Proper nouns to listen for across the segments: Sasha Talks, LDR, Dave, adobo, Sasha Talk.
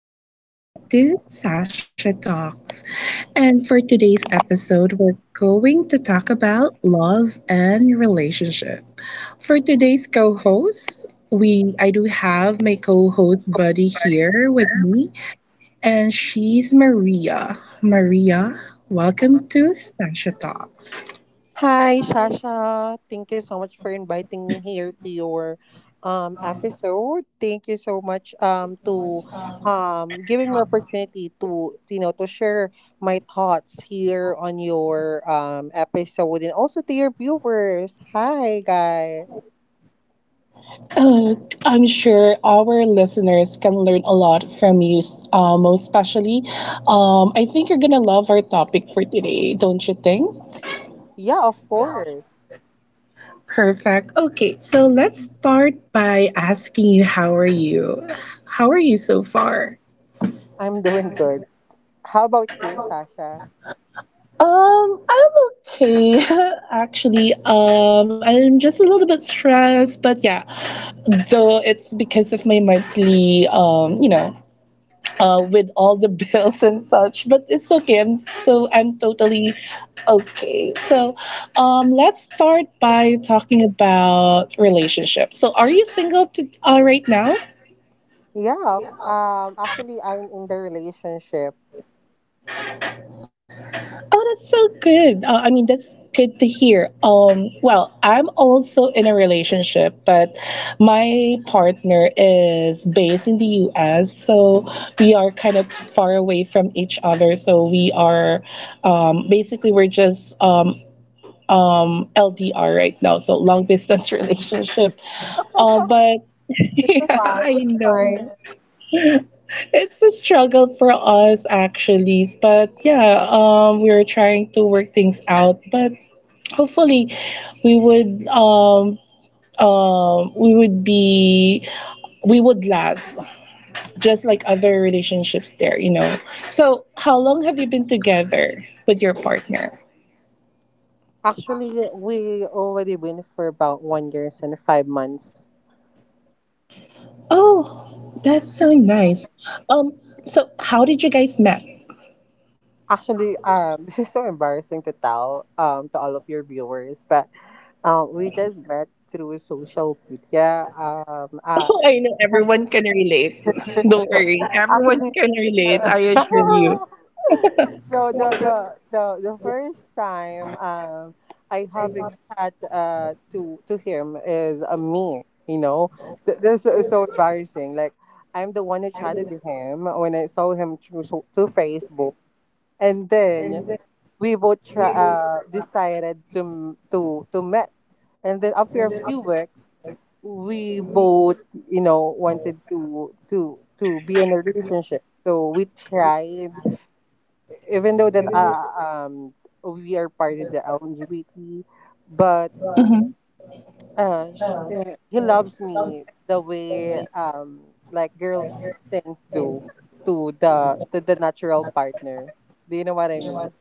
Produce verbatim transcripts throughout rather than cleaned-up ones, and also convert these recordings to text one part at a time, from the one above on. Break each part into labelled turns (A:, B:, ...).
A: and welcome to Sasha Talks. And for today's episode, we're going to talk about love and relationship. For today's co-host, we I do have my co-host buddy here with me, and she's Maria. Maria, welcome to Sasha Talks.
B: Hi, Shasha. Thank you so much for inviting me here to your um episode. Thank you so much um to um giving me opportunity to you know to share my thoughts here on your um episode and also to your viewers. Hi, guys.
A: Uh, I'm sure our listeners can learn a lot from you, s- uh, most especially. Um, I think you're gonna love our topic for today, don't you think?
B: Yeah, of course.
A: Perfect. Okay, so let's start by asking you, how are you? How are you so far?
B: I'm doing good. How about you, Shasha?
A: Um, I'm okay, actually. Um, I'm just a little bit stressed, but yeah. So it's because of my monthly, um, you know, uh, with all the bills and such. But it's okay. I'm so I'm totally okay. So, um, let's start by talking about relationships. So, are you single to, uh, right now?
B: Yeah, f- um actually I'm in the relationship.
A: Oh, that's so good. Uh, I mean, that's good to hear. Um, well, I'm also in a relationship, but my partner is based in the U S, so we are kind of far away from each other. So we are um, basically we're just um, um, L D R right now, so long distance relationship. Uh, but
B: It's
A: yeah,
B: fine.
A: I
B: It's
A: know
B: fine.
A: it's a struggle for us actually. But yeah, um, we're trying to work things out. But hopefully, we would um, um, we would be we would last just like other relationships there, you know. So, how long have you been together with your partner?
B: Actually, we already been for about one years and five months.
A: Oh, that's so nice. Um, so how did you guys met?
B: Actually, um, this is so embarrassing to tell um to all of your viewers, but um, we just met through social media. Um, uh,
A: Oh, I know everyone can relate. Don't worry, everyone
B: actually,
A: can relate. I assure you.
B: so the the the the first time um I having chat uh to to him is uh, me, you know. Th- This is so embarrassing. Like I'm the one who chatted to him when I saw him through so- to Facebook, and then we both tra- uh, decided to m- to to met, and then after a few weeks, we both you know wanted to to to be in a relationship. So we tried even though that uh, um we are part of the L G B T, but uh, sh- uh, he loves me the way um like girls things do to the to the natural partner. Do you know what I mean?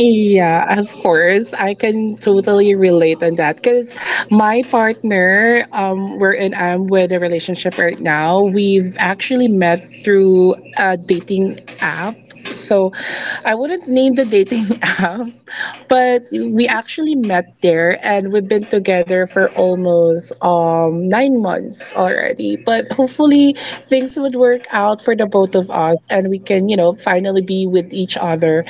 A: Yeah, of course. I can totally relate on that because my partner, um, wherein I'm with a relationship right now, we've actually met through a dating app. So I wouldn't name the dating app, but we actually met there and we've been together for almost um nine months already. But hopefully things would work out for the both of us and we can, you know, finally be with each other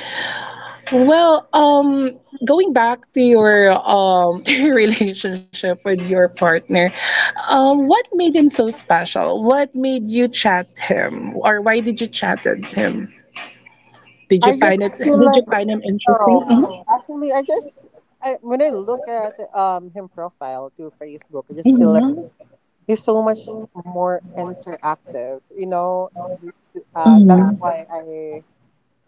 A: well, um, going back to your um to your relationship with your partner, um, what made him so special? What made you chat him, or why did you chat at him? Did you
B: I
A: find it?
B: just feel
A: Did
B: like
A: you find him interesting?
B: no. Actually, I just I, when I look at um him profile to Facebook, I just feel like
A: Mm-hmm.
B: he's so much more interactive. You know, uh, that's
A: hmm
B: why I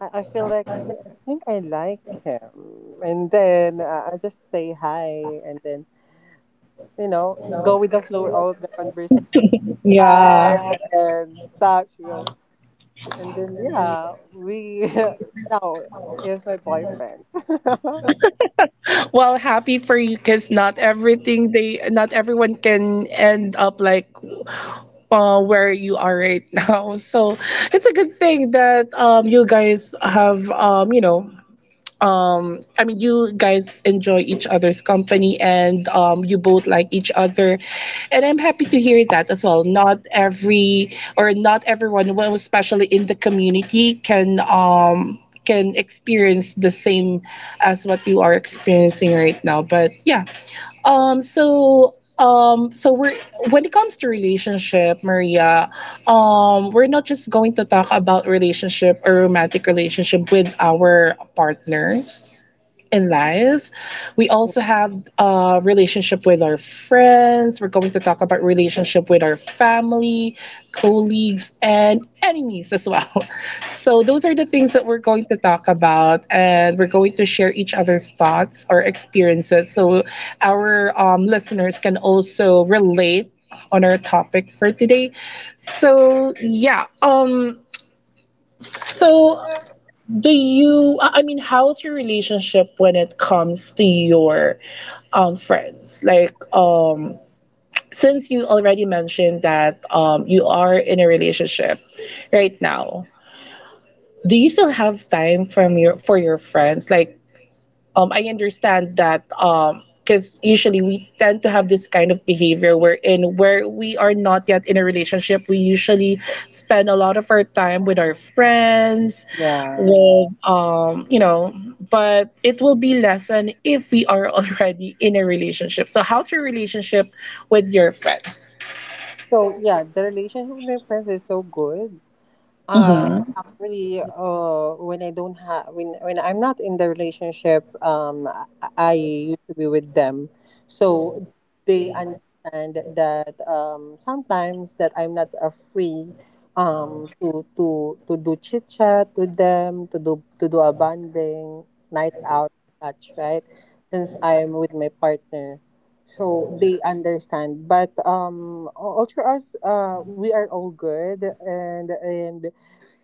B: I, I feel like I, I think I like him, and then uh, I just say hi, and then you know go with the flow all of the conversation we had
A: Yeah.
B: and such, you know, and then yeah, we now is my boyfriend.
A: Well, happy for you because not everything they, not everyone can end up like uh, where you are right now. So it's a good thing that um you guys have um you know um i mean you guys enjoy each other's company and um you both like each other, and I'm happy to hear that as well. Not every or not everyone, well, especially in the community, can um can experience the same as what you are experiencing right now, but yeah. um so um so we're When it comes to relationship, Maria, um we're not just going to talk about relationship or romantic relationship with our partners in life. We also have a relationship with our friends. We're going to talk about relationship with our family, colleagues, and enemies as well. So those are the things that we're going to talk about, and we're going to share each other's thoughts or experiences, so our um, listeners can also relate on our topic for today. So yeah, um. So do you I I mean, how's your relationship when it comes to your um friends, like um since you already mentioned that um you are in a relationship right now, do you still have time from your for your friends? Like um, I understand that because usually we tend to have this kind of behavior wherein, where we are not yet in a relationship, we usually spend a lot of our time with our friends,
B: Yeah.
A: with um, you know, but it will be lessened if we are already in a relationship. So how's your relationship with your friends?
B: So yeah, the relationship with my friends is so good. Um,
A: hmm
B: actually, uh, when I don't have when when I'm not in the relationship, um, I, I used to be with them, so they understand that um sometimes that I'm not uh, free, um, to to to do chit chat with them, to do to do a bonding night out, such right, since I'm with my partner. So they understand, but um, all through us, uh, we are all good, and and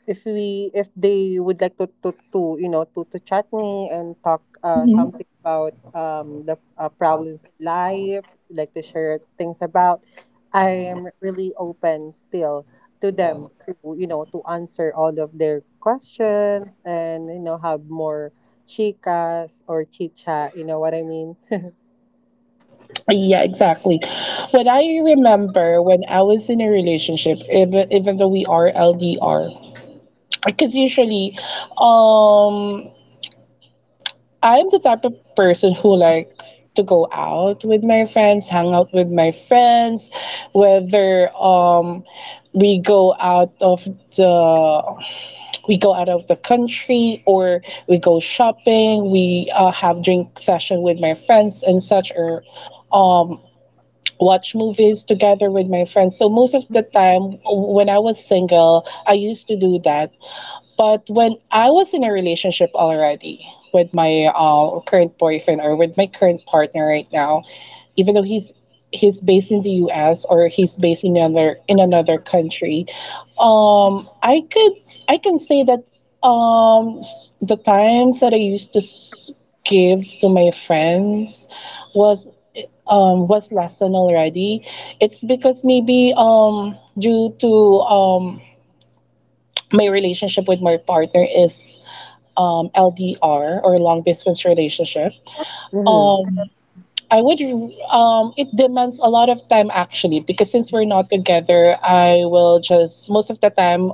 B: if we if they would like to to, to you know to, to chat me and talk uh, something about um, the uh, problems in life like to share things about I am really open still to them to you know to answer all of their questions, and you know have more chicas or chicha, you know what I mean.
A: Yeah, exactly. What I remember when I was in a relationship, even even though we are L D R. Because usually um I'm the type of person who likes to go out with my friends, hang out with my friends, whether um we go out of the we go out of the country, or we go shopping, we uh, have drink session with my friends and such, or watch movies together with my friends. So most of the time when I was single, I used to do that. But when I was in a relationship already with my uh, current boyfriend or with my current partner right now, even though he's he's based in the U S or he's based in another in another country, um, I could I can say that um, s- the times that I used to s- give to my friends was um, was lessened already. It's because maybe um, due to um, my relationship with my partner is um, L D R or long distance relationship,
B: Mm-hmm.
A: um, I would, um, it demands a lot of time actually because since we're not together, I will just, most of the time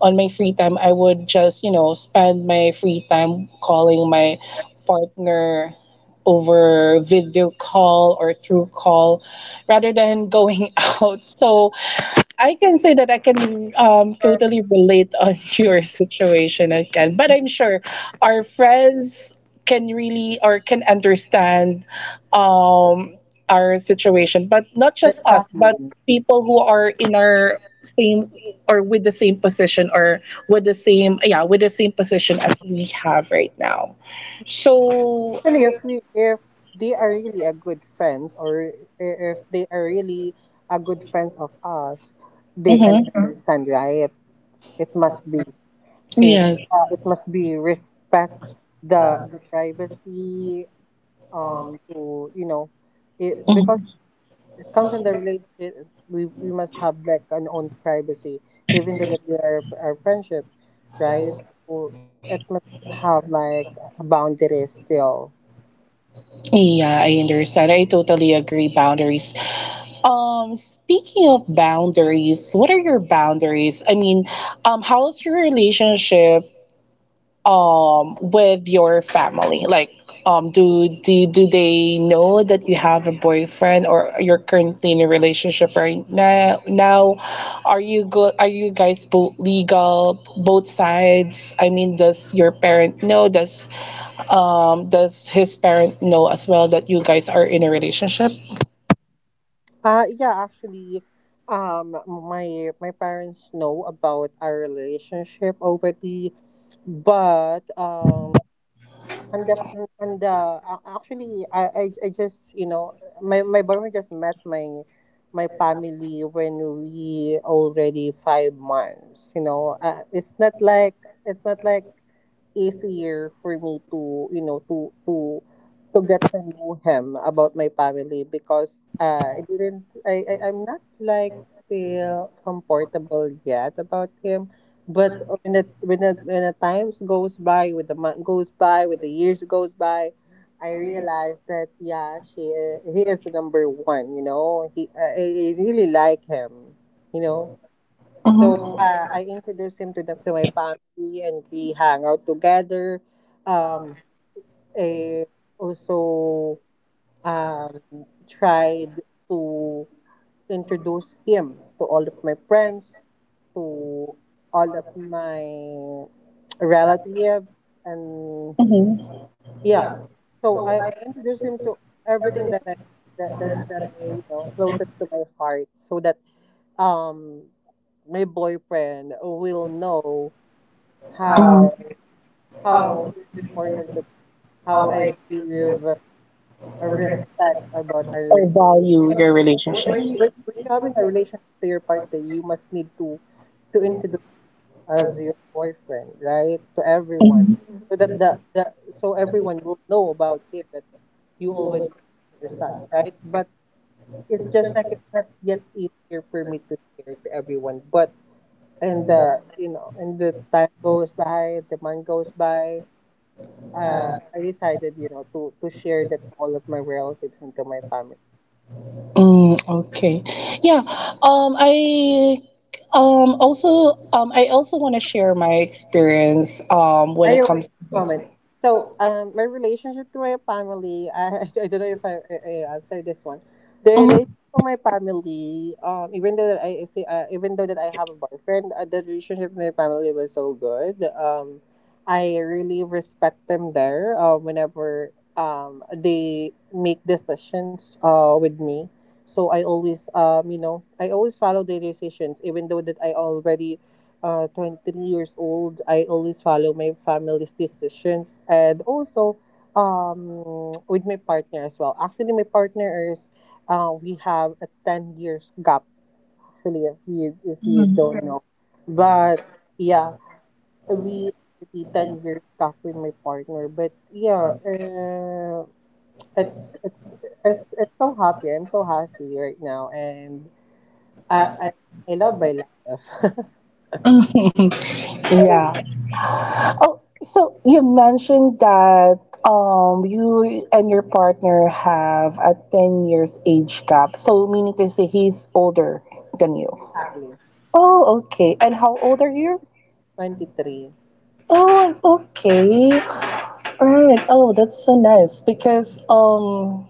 A: on my free time, I would just, you know, spend my free time calling my partner over video call or through call rather than going out. So, I can say that I can um, totally relate on your situation again, but I'm sure our friends can really or can understand um, our situation, but not just us,
B: Exactly.
A: but people who are in our same or with the same position or with the same yeah with the same position as we have right now. So
B: Actually, if we if they are really a good friends, or i- if they are really a good friends of us, they can
A: mhm,
B: Mhm. understand, right? It must be since
A: yes.
B: uh, it must be respect the the privacy um to you know it because it comes in the relationship, we, we must have like an own privacy, even though that we are our friendship, right? So it must have like a boundary still.
A: Yeah, I understand. I totally agree. Boundaries. Um, speaking of boundaries, what are your boundaries? I mean, um, how's your relationship um with your family? Like um do do do they know that you have a boyfriend or you're currently in a relationship right now? Now are you go? Are you guys both legal, both sides? I mean, does your parent know? Does um does his parent know as well that you guys are in a relationship?
B: Uh, yeah, actually, um, my my parents know about our relationship already, but um, and the and the uh, actually, I, I I just you know, my my boyfriend just met my my family when we already five months. You know, uh, it's not like it's not like easier for me to you know to to to get to know him about my family because uh, I didn't I, I I'm not like feel comfortable yet about him. But when it when it when the times goes by, with the month goes by, with the years goes by, I realized that yeah she he is number one, you know he I, I really like him, you know. So uh, I introduced him to the to my family, and we hang out together. Um, I also um tried to introduce him to all of my friends, to all of my relatives, and
A: Mm-hmm.
B: yeah. So I, I introduced him to everything that I that, that that I you know closest to my heart, so that um my boyfriend will know how how it's important to how I give a respect about our
A: or
B: relationship.
A: value
B: When, when, when you're having a relationship to your partner, you must need to to introduce as your boyfriend, right, to everyone,
A: your
B: so that the, the so everyone will know about him that you already or such, right? But it's just like it's not yet easier for me to share to everyone, but and the you know, and the time goes by, the month goes by, uh, I decided, you know, to to share that to all of my relatives and to my family.
A: Mm, okay. Yeah. Um, I um also um I also want to share my experience um when it
B: Anyway
A: comes to this.
B: moment, so um my relationship to my family, i, I don't know if I, I, I answer this one. The
A: Mhm,
B: relationship to my family, um even though that I I say uh, even though that I have a boyfriend, uh, the relationship with my family was so good. um I really respect them there, uh, whenever um they make decisions uh with me, so I always um you know I always follow their decisions even though that I already uh, twenty-three years old, I always follow my family's decisions and also, um, with my partner as well. Actually, my partner is, uh, we have a ten years gap, actually, if you, if you don't know. But yeah, we already ten years gap with my partner. But yeah, uh, it's, it's, it's, it's so happy. I'm so happy right now. And I, I, I love my life.
A: mhm. Yeah. Oh, so you mentioned that um you and your partner have a ten years age gap. So meaning to say he's older than you.
B: Exactly.
A: Oh, okay. And how old are you?
B: twenty-three.
A: Oh, okay. All right. Oh, that's so nice because um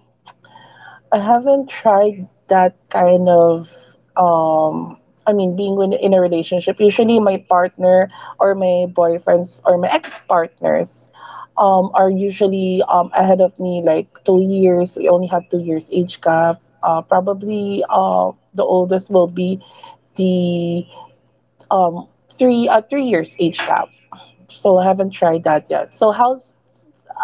A: I haven't tried that kind of um I mean being in, in a relationship. Usually my partner or my boyfriends or my ex-partners um are usually um ahead of me like two years. We only have two years age gap. Uh probably uh the oldest will be the um three uh, three years age gap. So I haven't tried that yet. So how's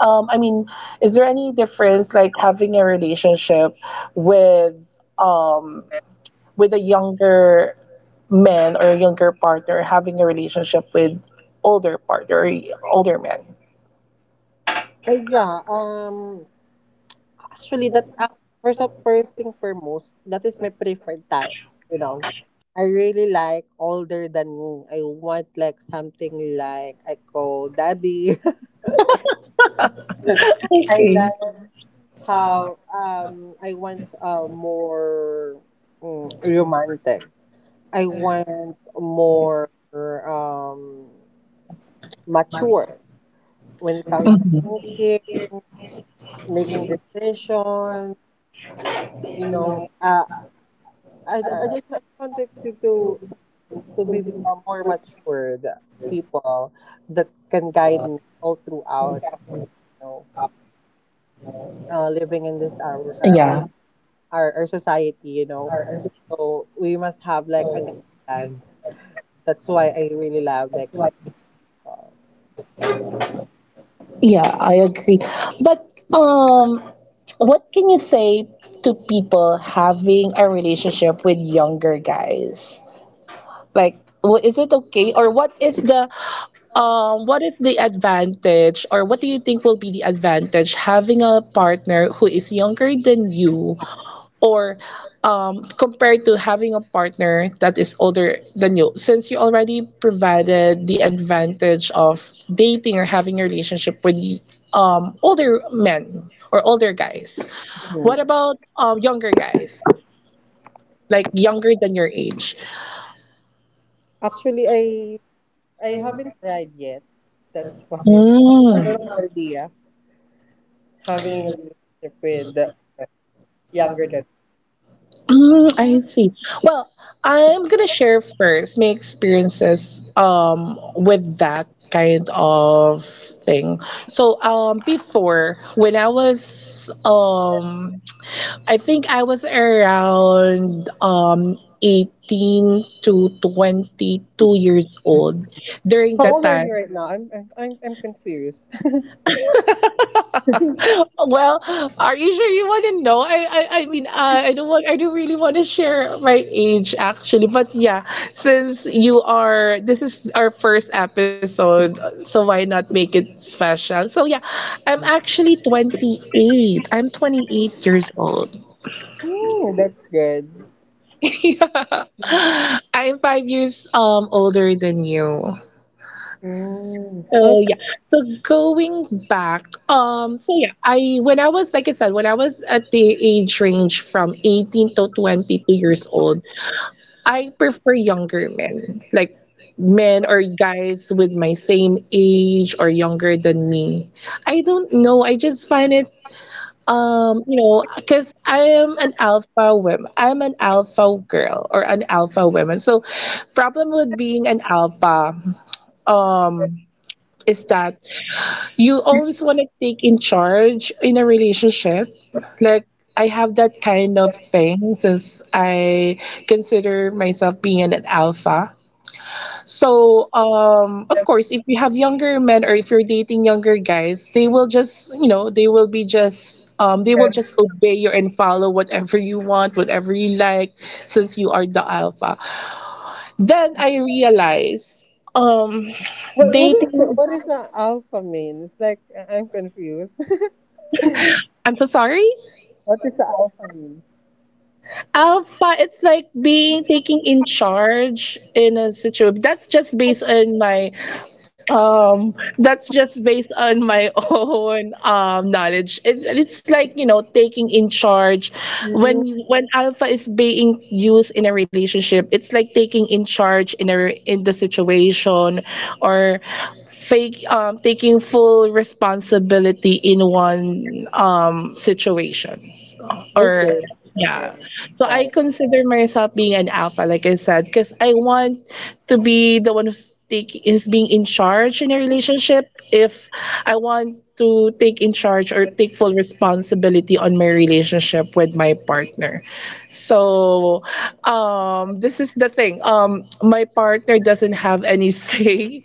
A: um, I mean, is there any difference like having a relationship with um with a younger man or a younger partner having a relationship with older partner or older man?
B: Uh, yeah, um, actually, that's uh, first of first thing foremost, that is my preferred type. You know, I really like older than me. I want like something like I call daddy. I like how um I want uh more mm, romantic. I want more um mature when it comes to
A: Mhm.
B: music, making decisions. You know, uh, I, I just I wanted you to to be uh, more matured people that can guide me all throughout of my you know uh, living in this our our, our our our society, you know. So we must have like a guidance. That's why I really love like uh,
A: But um, what can you say to people having a relationship with younger guys? Like, wha- is it okay, or what is the Um, what is the advantage, or what do you think will be the advantage having a partner who is younger than you, or um, compared to having a partner that is older than you? Since you already provided the advantage of dating or having a relationship with um, older men or older guys, what
B: Mhm.
A: about um, younger guys, like younger than your age?
B: Actually I I haven't tried yet, that's why I
A: Mm.
B: don't have an idea having a relationship with uh, younger than.
A: Mm, I see. Well, I'm gonna share first my experiences um with that kind of thing. So um before, when I was um I think I was around um eighteen to twenty-two years old. During
B: How
A: that
B: old are you
A: time,
B: right now? I'm I'm I'm I'm confused.
A: well, are you sure you want to know? I, I, I mean, uh, I don't want, I don't really want to share my age actually, but yeah, since you are, this is our first episode, so why not make it special? So yeah, I'm actually twenty-eight. I'm twenty-eight years old.
B: Oh, that's good.
A: Yeah. I'm five years um older than you.
B: Mm.
A: So
B: Okay.
A: yeah, so going back, um, so yeah, I when I was, like I said, when I was at the age range from eighteen to twenty-two years old, I prefer younger men, like men or guys with my same age or younger than me. I don't know, I just find it um, you know, because I am an alpha woman. I'm an alpha girl or an alpha woman. So problem with being an alpha um is that you always want to take in charge in a relationship. Like I have that kind of thing since I consider myself being an alpha. So um, of course, if you have younger men or if you're dating younger guys, they will just you know they will be just um, they will just obey you and follow whatever you want, whatever you like, since you are the alpha. Then I realized um,
B: What, what is the-
A: dating.
B: what is the alpha mean? It's like I- I'm confused.
A: I'm so sorry.
B: What is the alpha mean?
A: Alpha, it's like being taking in charge in a situation. That's just based on my um that's just based on my own um knowledge. It's it's like, you know, taking in charge
B: Mm.
A: when you- when alpha is being used in a relationship, it's like taking in charge in a re- in the situation or fake um taking full responsibility in one um situation. So, or
B: Okay. Okay.
A: yeah. So
B: Got
A: I
B: it.
A: consider myself being an alpha, like I said, because I want to be the one who's take is being in charge in a relationship. If I want to take in charge or take full responsibility on my relationship with my partner. So um this is the thing. Um my partner doesn't have any say.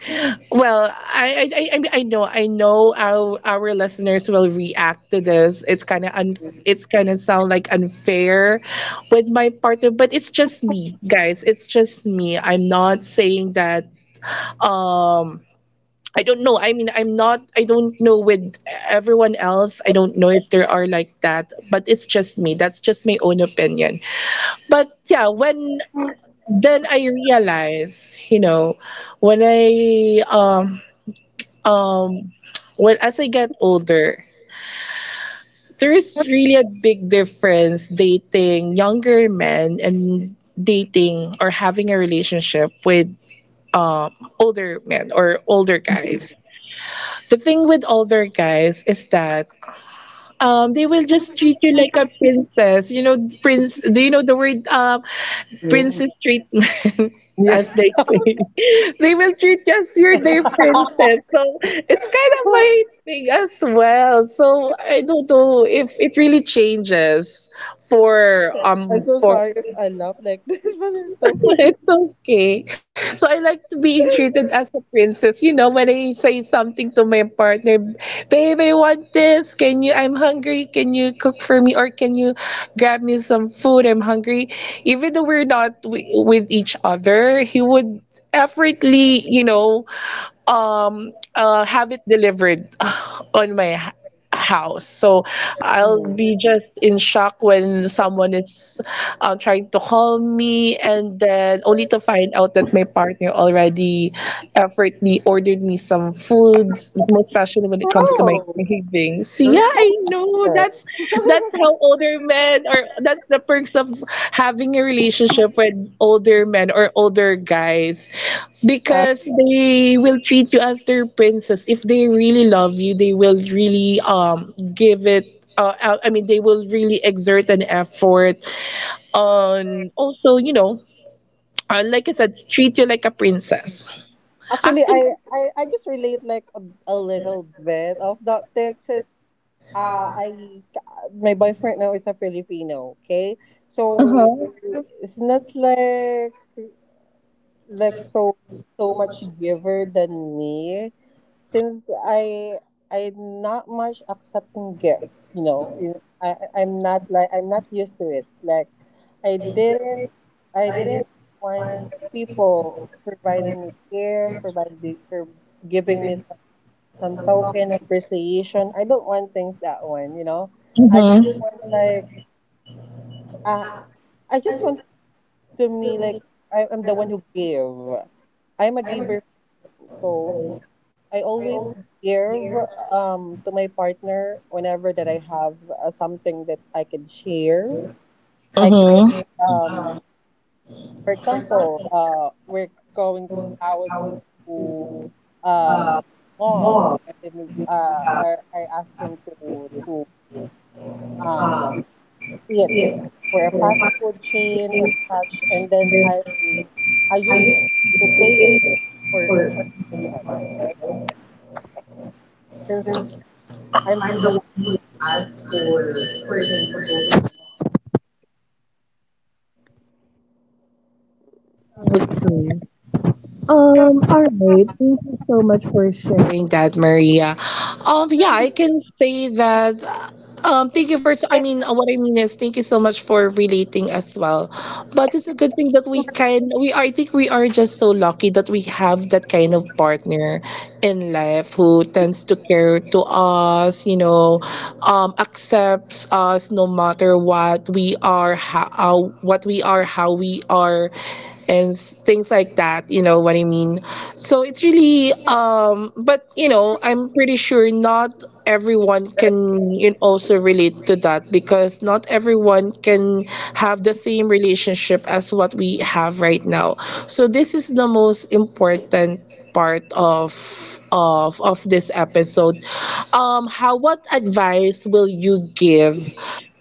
A: Well, I I I, I mean, I know I know our our listeners will react to this. It's kind of un it's kind of sound like unfair with my partner, but it's just me, guys, it's just me. I'm not saying that um I don't know. I mean i'm not I don't know with everyone else. I don't know if there are like that, but it's just me. That's just my own opinion. But yeah, when then I realize, you know, when i um um when, as I get older, there is really a big difference dating younger men and dating or having a relationship with um, older men or older guys. The thing with older guys is that um, they will just treat you like a princess. You know, prince. Do you know the word? Uh,
B: Mm.
A: princess treatment,
B: Yeah.
A: as they say. They will treat you as you're their princess. So it's kind of my thing as well. So I don't know if it really changes for
B: I'm
A: um
B: so
A: for
B: sorry if I laugh like this, but it's so funny.
A: it's okay. So I like to being treated as a princess. You know, when I say something to my partner, babe, I want this. Can you? I'm hungry. Can you cook for me? Or can you grab me some food? I'm hungry. Even though we're not w- with each other, he would effortly, you know, um uh have it delivered on my h- house. So I'll
B: Mhm.
A: be just in shock when someone is uh, trying to call me, and then only to find out that my partner already effortly ordered me some foods, most especially when it comes to my
B: Oh,
A: cravings. So
B: you're
A: yeah,
B: good.
A: I know that's that's how older men, or that's the perks of having a relationship with older men or older guys,
B: Uh,
A: because they will treat you as their princess. If they really love you, they will really um give it uh, uh, I mean, they will really exert an effort on, also, you know, uh, like I said, treat you like a princess.
B: Actually,
A: As con-
B: I, I I just relate like a, a little bit of that text. And Uh, I my boyfriend now is a Filipino. Okay, so
A: uh-huh,
B: it's not like like so so much giver than me, since i i'm not much accepting gift, you know. you- i I- I'm not like I'm not used to it. Like i didn't I didn't want people providing me care, providing for giving me some, some token appreciation. I don't want things that one, you know. I
A: uh-huh,
B: just want like uh, I just want to me like I, I'm the one who give. I'm a giver, so I always give um to my partner whenever that I have uh, something that I can share. I could
A: uh-huh.
B: um for example, uh we're going out to um mall, and then uh I, I ask him to to um to eat for a fast food chain or such, and then I I used to pay it for for, since I'm.
A: That's so Um, all right. Thank you so much for sharing that, Maria. Um, yeah, I can say that. Um, thank you for. I mean, what I mean is, thank you so much for relating as well. But it's a good thing that we can. We are, I think we are just so lucky that we have that kind of partner in life who tends to care to us. You know, um, accepts us no matter what we are, how, what we are, how we are, and s- things like that, you know what I mean. So it's really um but you know, I'm pretty sure not everyone can, you know, also relate to that, because not everyone can have the same relationship as what we have right now. So this is the most important part of of of this episode. Um how What advice will you give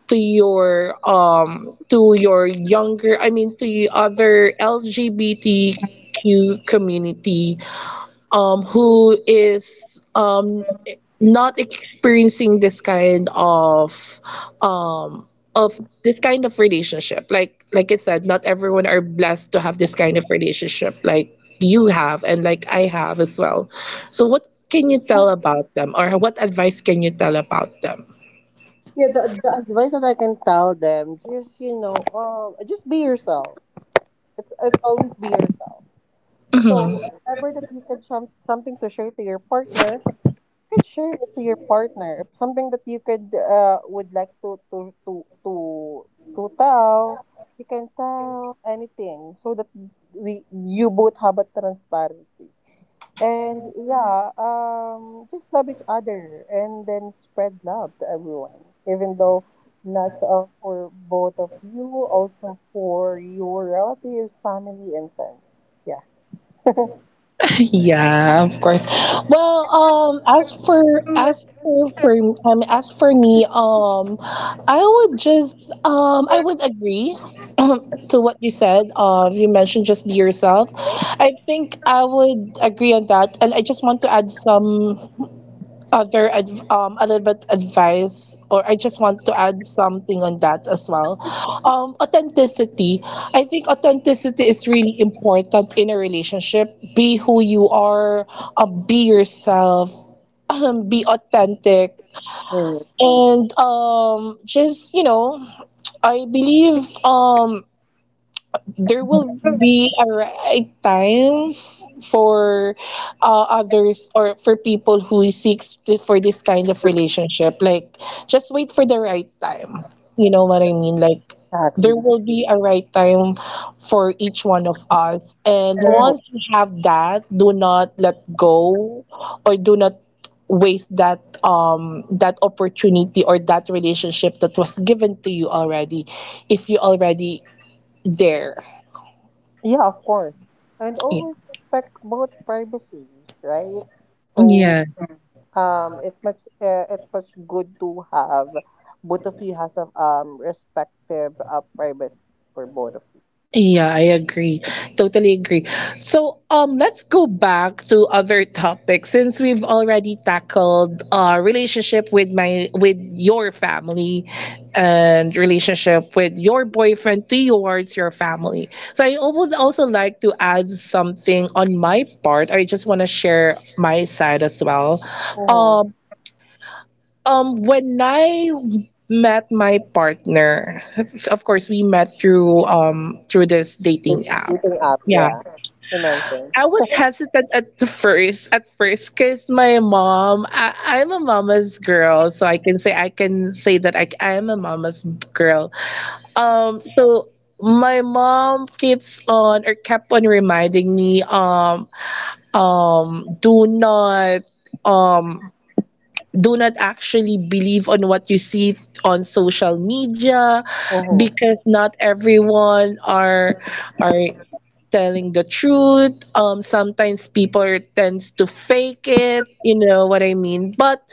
A: to your um to your younger I mean to your other LGBTQ community, um who is um not experiencing this kind of um of this kind of relationship? like like I said, not everyone are blessed to have this kind of relationship, like you have and like I have as well. So what can you tell about them, or what advice can you tell about them?
B: Yeah, the, the advice that I can tell them, just you know, um, just be yourself. It's it's always be yourself. So whatever that you can some something to share to your partner, you can share it to your partner. If something that you could uh would like to to to to to tell, you can tell anything so that we you both have a transparency. And yeah, um, just love each other and then spread love to everyone, even though not uh, for both of you, also for your relatives, family, and friends. Yeah.
A: Yeah, of course. Well, um, as for as for for um, as for me, um, I would just um, I would agree to what you said. Uh, you mentioned, just be yourself. I think I would agree on that, and I just want to add some other adv- um, a little bit advice, or I just want to add something on that as well. Um, authenticity, I think authenticity is really important in a relationship. Be who you are, uh, be yourself, be authentic. And um, just, you know, I believe um, there will be a right time for uh, others, or for people who seeks to, for this kind of relationship. Like, just wait for the right time, you know what I mean. Like, there
B: Exactly.
A: will be a right time for each one of us, and
B: Oh,
A: once you have that, do not let go, or do not waste that um that opportunity or that relationship that was given to you already, if you already there.
B: yeah, of course. And always respect both privacy, right? So
A: Yeah,
B: um, it much uh, it much good to have both of you has a um respective uh, privacy for both of
A: yeah, I agree. Totally agree. So, um, let's go back to other topics, since we've already tackled uh relationship with my with your family and relationship with your boyfriend towards your family. So I would also like to add something on my part. I just want to share my side as well.
B: you.
A: Um, Um, when I met my partner, of course we met through um through this
B: The
A: dating app.
B: dating app,
A: Yeah.
B: yeah. You mentioned.
A: I was hesitant at the first at first, because my mom, I, I'm a mama's girl, so I can say, I can say that I I am a mama's girl. Um so my mom keeps on, or kept on reminding me, um um do not um do not actually believe on what you see on social media,
B: Mm-hmm.
A: because not everyone are are telling the truth. Um sometimes people tends to fake it, you know what I mean. But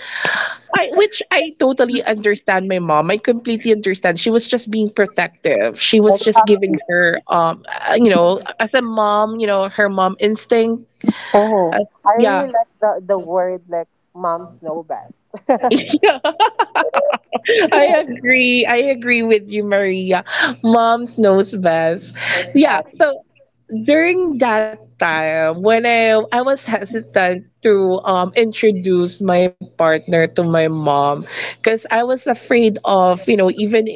A: i which I totally understand my mom, I completely understand. She was just being protective, she was just giving
B: Exactly.
A: her um uh, you know, as a mom, you know, her mom instinct.
B: Mm-hmm.
A: uh,
B: I really
A: yeah.
B: like the, the word like moms know best.
A: I agree. I agree with you, Maria. Moms knows best. Yeah.
B: Exactly.
A: So during that time, when I I was hesitant to um introduce my partner to my mom, because I was afraid of, you know, even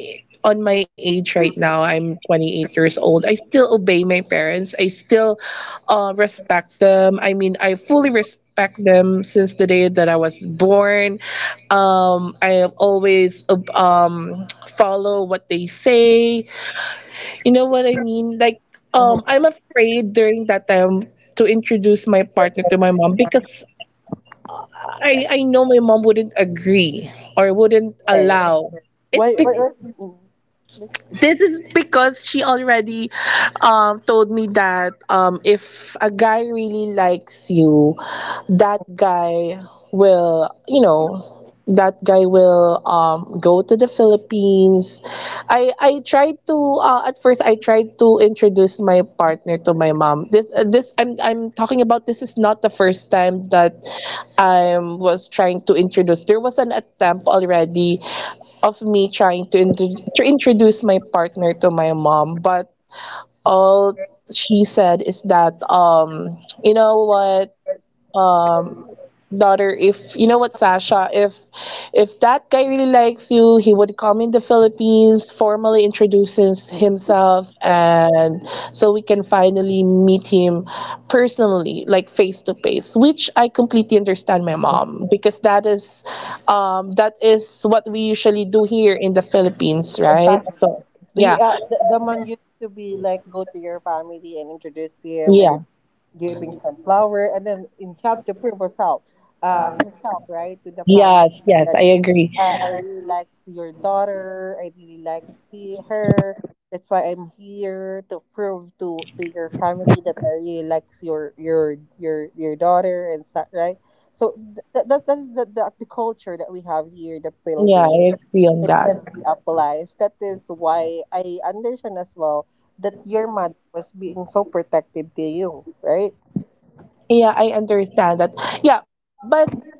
A: on my age right now, I'm twenty-eight years old, I still obey my parents. I still uh, respect them. I mean, I fully respect them since the day that I was born. um i always ob- um Follow what they say, you know what I mean. Like, um
B: Mm-hmm.
A: I'm afraid during that time to introduce my partner to my mom, because I I know my mom wouldn't agree or wouldn't
B: Okay.
A: allow. It's
B: Why, why,
A: because,
B: why, mm-mm.
A: this is because she already um, told me that, um, if a guy really likes you, that guy will, you know, that guy will um, go to the Philippines. I I tried to uh, at first I tried to introduce my partner to my mom. This uh, this I'm I'm talking about, this is not the first time that I was trying to introduce. There was an attempt already of me trying to, intro- to introduce my partner to my mom, but all she said is that, um, you know what? um Daughter, if you know what Sasha, if if that guy really likes you, he would come in the Philippines, formally introduces himself, and so we can finally meet him personally, like face to face, which I completely understand my mom, because that is um that is what we usually do here in the Philippines, right?
B: Exactly.
A: So
B: We
A: yeah,
B: uh, the, the man used to be like go to your family and introduce him
A: yeah,
B: and giving sunflower and then in help to prove herself uh herself, right, to the family
A: yes yes
B: that
A: I agree.
B: uh, I really likes your daughter. I really likes he, her. That's why I'm here to prove to to your family that I really likes your your your your daughter and stuff, right? So th- th- that that's the, the the culture that we have here in the
A: Yeah,
B: Philippines.
A: I agree on
B: It
A: that.
B: has been applied, that is why I understand as well that your mother was being so protective to you, right?
A: Yeah, I understand that. Yeah, but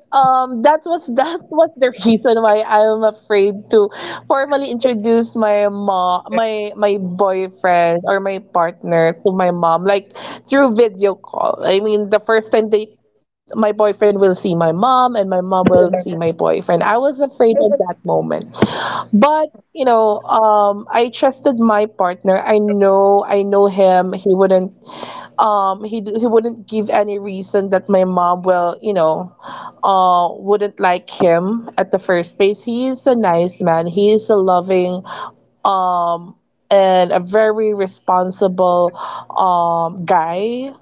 A: um, that was that was the reason why I'm afraid to formally introduce my mom, my my boyfriend, or my partner to my mom, like through video call. I mean, the first time they my boyfriend will see my mom and my mom will see my boyfriend, I was afraid at that moment. But you know, um, I trusted my partner. I know, I know him. He wouldn't um he d- he wouldn't give any reason that my mom will, you know, uh wouldn't like him at the first place. He is a nice man, he is a loving and a very responsible um guy.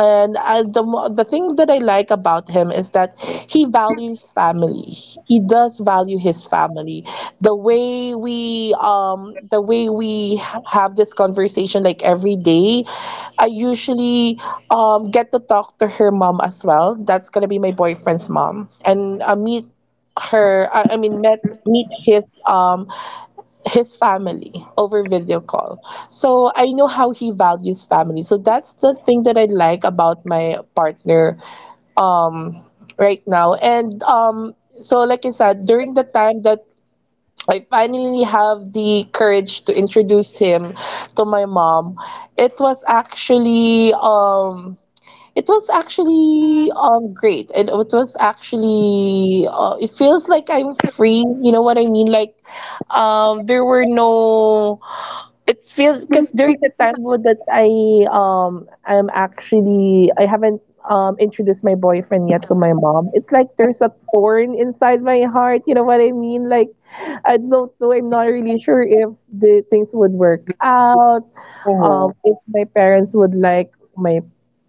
A: And I, the mo- the thing that I like about him is that he values family. He does value his family. The way we um the way we ha- have this conversation like every day, I usually um get to talk to her mom as well. That's gonna be my boyfriend's mom, and I meet her. I, I mean, met meet his um his family over video call. So I know how he values family. So that's the thing that I like about my partner um right now. And um so like I said, during the time that I finally have the courage to introduce him to my mom, it was actually um it was actually um great. It, it was actually uh, it feels like I'm free. You know what I mean? Like um there were no it feels because during the time wo- that I um I'm actually I haven't um introduced my boyfriend yet to my mom. It's like there's a thorn inside my heart. You know what I mean? Like I don't know. I'm not really sure if the things would work out. Um,
B: Oh,
A: if my parents would like my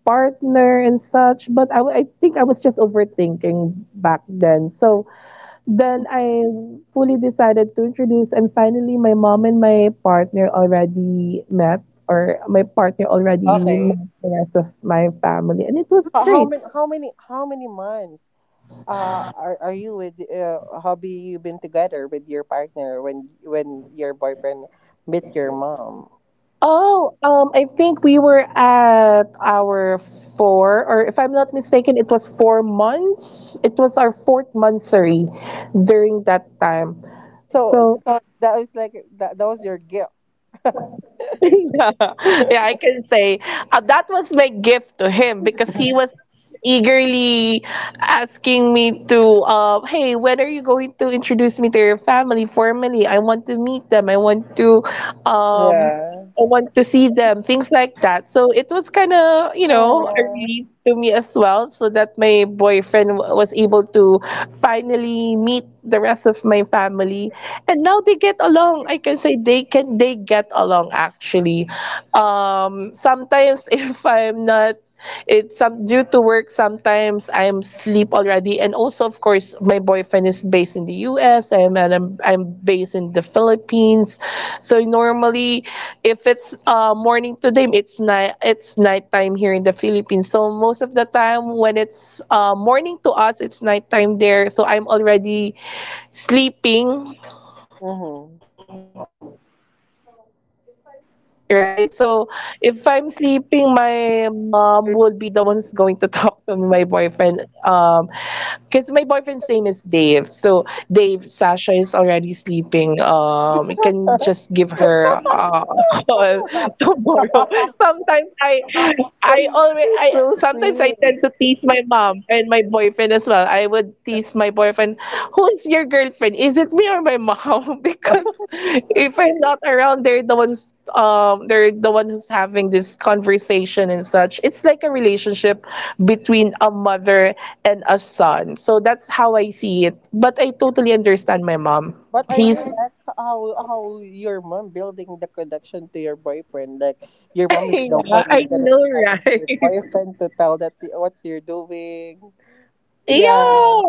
A: partner and such. But I, w- I think I was just overthinking back then. So then I fully decided to introduce, and finally, my mom and my partner already met, or my partner already met
B: okay.
A: the rest of my family, and it was
B: How, how
A: great.
B: many how many how many months uh are, are you with uh hobby you been together with your partner when when your boyfriend met your mom?
A: Oh, um, I think we were at our four, or if I'm not mistaken, it was four months. It was our fourth month, sorry, during that time.
B: So,
A: So
B: so that was like that, that was your gift.
A: yeah, I can say uh, that was my gift to him because he was eagerly asking me to, uh, hey, when are you going to introduce me to your family formally? I want to meet them. I want to um,
B: Yeah.
A: I want to see them, things like that. So it was kind of, you know, a
B: Oh.
A: relief to me as well, so that my boyfriend w- was able to finally meet the rest of my family. And now they get along. I can say they can they get along actually. Um, sometimes if I'm not it's some due to work, sometimes I'm sleep already, and also of course my boyfriend is based in the U S am, and I'm I'm based in the Philippines. So normally if it's uh morning to them, it's night it's nighttime here in the Philippines. So most of the time when it's uh morning to us, it's nighttime there. So I'm already sleeping,
B: Mm-hmm.
A: right? So if I'm sleeping, my mom would be the one's going to talk to my boyfriend um because my boyfriend's name is Dave. So Dave, Sasha is already sleeping. Um, you can just give her uh, a call tomorrow. Sometimes I, I always, I sometimes I tend to
B: So
A: tease my
B: sweet.
A: mom and my boyfriend as well. I would tease my boyfriend, who is your girlfriend? Is it me or my mom? Because if I'm not around, they're the ones, um, they're the one who's having this conversation and such. It's like a relationship between a mother and a son. So that's how I see it. But I totally understand my mom.
B: But I really
A: He's
B: like how how your mom building the connection to your boyfriend. Like your mom is the
A: yeah,
B: one
A: I
B: who's gonna
A: know,
B: be asking
A: right?
B: your boyfriend to tell that the- what you're doing.
A: Yeah.
B: Yeah,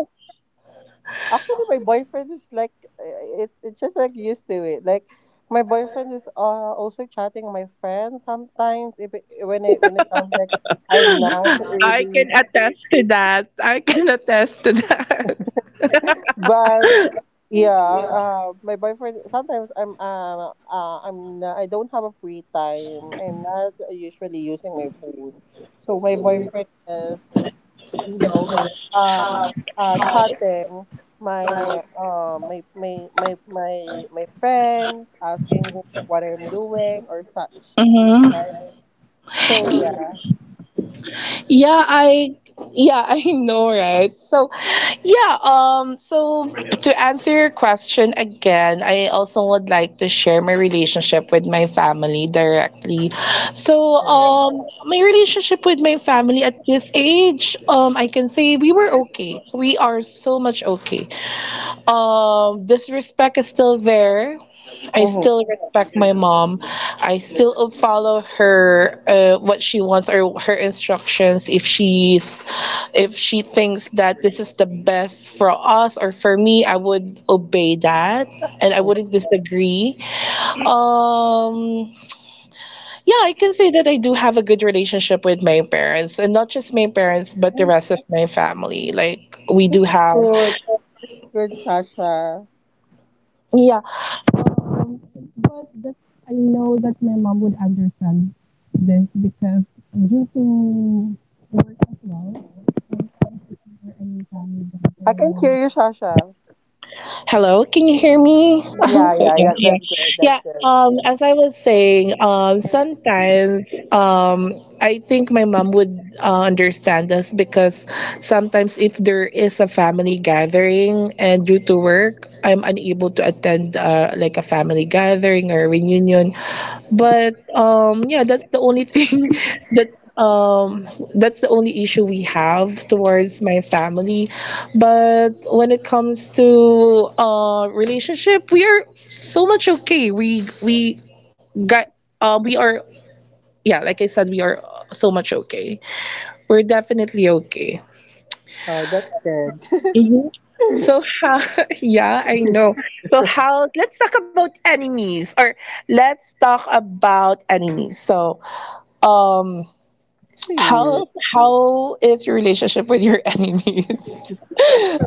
B: actually, my boyfriend is like uh, it's it's just like used to it. Like my boyfriend is uh, also chatting my friends sometimes if it, when it when it comes like I'm not
A: I can
B: really,
A: attest to that. I can attest to that.
B: but yeah, uh, my boyfriend. Sometimes I'm uh, uh I'm not, I don't have a free time. I'm not usually using my phone, so my boyfriend is, you know, um, uh, chatting my uh my my my my my friends, asking wh- what I'm doing or such. Right. So yeah.
A: Yeah, I yeah, I know, right? So, yeah, um so to answer your question again, I also would like to share my relationship with my family directly. So,
B: Mhm.
A: um my relationship with my family at this age, um I can say we were okay. We are so much okay. Um, disrespect is still there. I
B: Mhm.
A: still respect my mom. I still follow her uh, what she wants or her instructions. If she's if she thinks that this is the best for us or for me, I would obey that and I wouldn't disagree. Um, yeah, I can say that I do have a good relationship with my parents, and not just my parents but the
B: Mhm.
A: rest of my family. Like we do have
B: Good, good, Sasha.
A: yeah. Um, but that I know that my mom would understand this because due to work as well, I'm trying to cover any family
B: I can hear
A: gathering.
B: you, Sasha.
A: Hello, can you hear me? So
B: Yeah, yeah.
A: yeah,
B: That
A: yeah,
B: that's good. That's
A: yeah.
B: good.
A: Um, as I was saying, um, sometimes, um, I think my mom would uh, understand us because sometimes if there is a family gathering and due to work, I'm unable to attend uh, like a family gathering or reunion. But, um, yeah, that's the only thing that um that's the only issue we have towards my family. But when it comes to uh relationship, we are so much okay. We we got uh we are yeah, like I said, we are so much okay. We're definitely okay.
B: Oh, that's good.
A: hmm So how, yeah, I know. So how, let's talk about enemies or let's talk about enemies. So, um,
B: Enemy.
A: How how is your relationship with your enemies?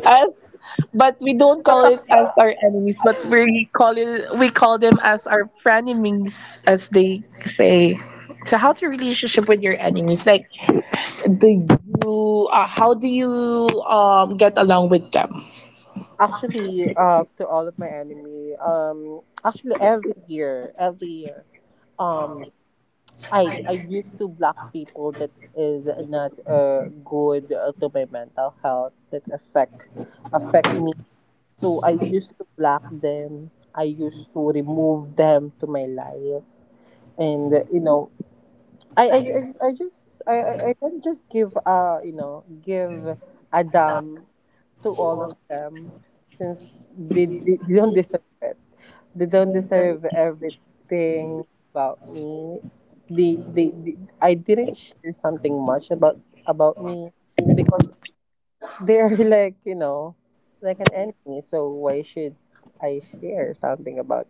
A: As but we don't call it as our enemies, but we call it we call them as our frenemies, as they say. So how's your relationship with your enemies? Like, do you uh, how do you um get along with them?
B: Actually, uh, to all of my enemy, um, actually every year, every year, um, I I used to block people that is not uh good uh, to my mental health that affect affect me. So I used to block them. I used to remove them to my life, and uh, you know, I, I, I I just I, I I don't just give uh you know give a damn to all of them since they, they, they don't deserve it. They don't deserve everything about me. They, they they I didn't share something much about about me because they're like, you know, like an enemy. So why should I share something about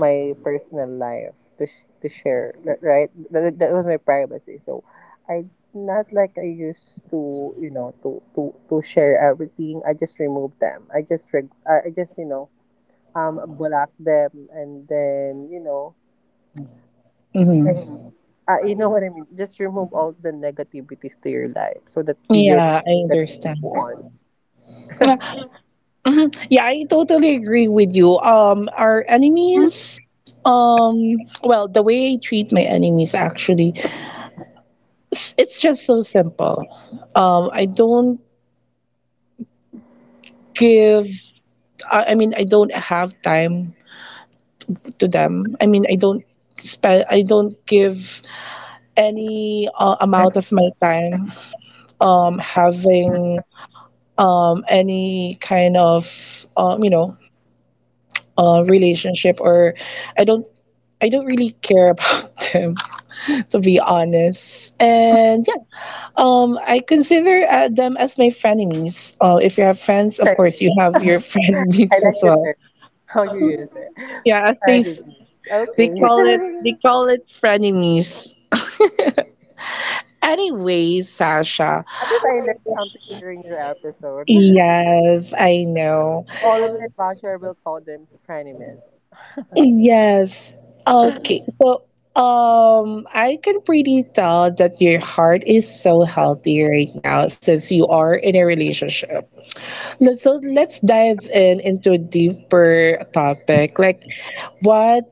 B: my personal life to sh- to share, r- right? That, that was my privacy. So I, not like I used to, you know, to to to share everything. I just removed them. I just reg- I I just, you know, um block them, and then, you know.
A: hmm
B: Mhm. Uh, you know what I mean? Just remove all the negativities to your life so that your
A: Yeah, I
B: that go
A: understand.
B: on.
A: Mhm. Yeah, I totally agree with you. Um, our enemies, um, well, the way I treat my enemies actually, it's, it's just so simple. Um, I don't give, I, I mean, I don't have time to them. I mean, I don't spend, I don't give any uh, amount of my time, um, having, um, any kind of, um, you know, uh, relationship or I don't, I don't really care about them to be honest. And yeah, um, I consider uh, them as my frenemies. Uh, if you have friends, of
B: I,
A: course, you have your
B: I
A: frenemies as
B: like the
A: well.
B: term. How you use it?
A: Yeah, as they
B: Privacy.
A: s- they
B: Okay.
A: call it they call it frenemies. Anyway, Sasha.
B: At least I learned something during your episode.
A: Yes, I know.
B: All of my bachelor will call them frenemies.
A: Yes. Okay. So, um, I can pretty tell that your heart is so healthy right now since you are in a relationship. Let's- So let's dive in into a deeper topic. Like what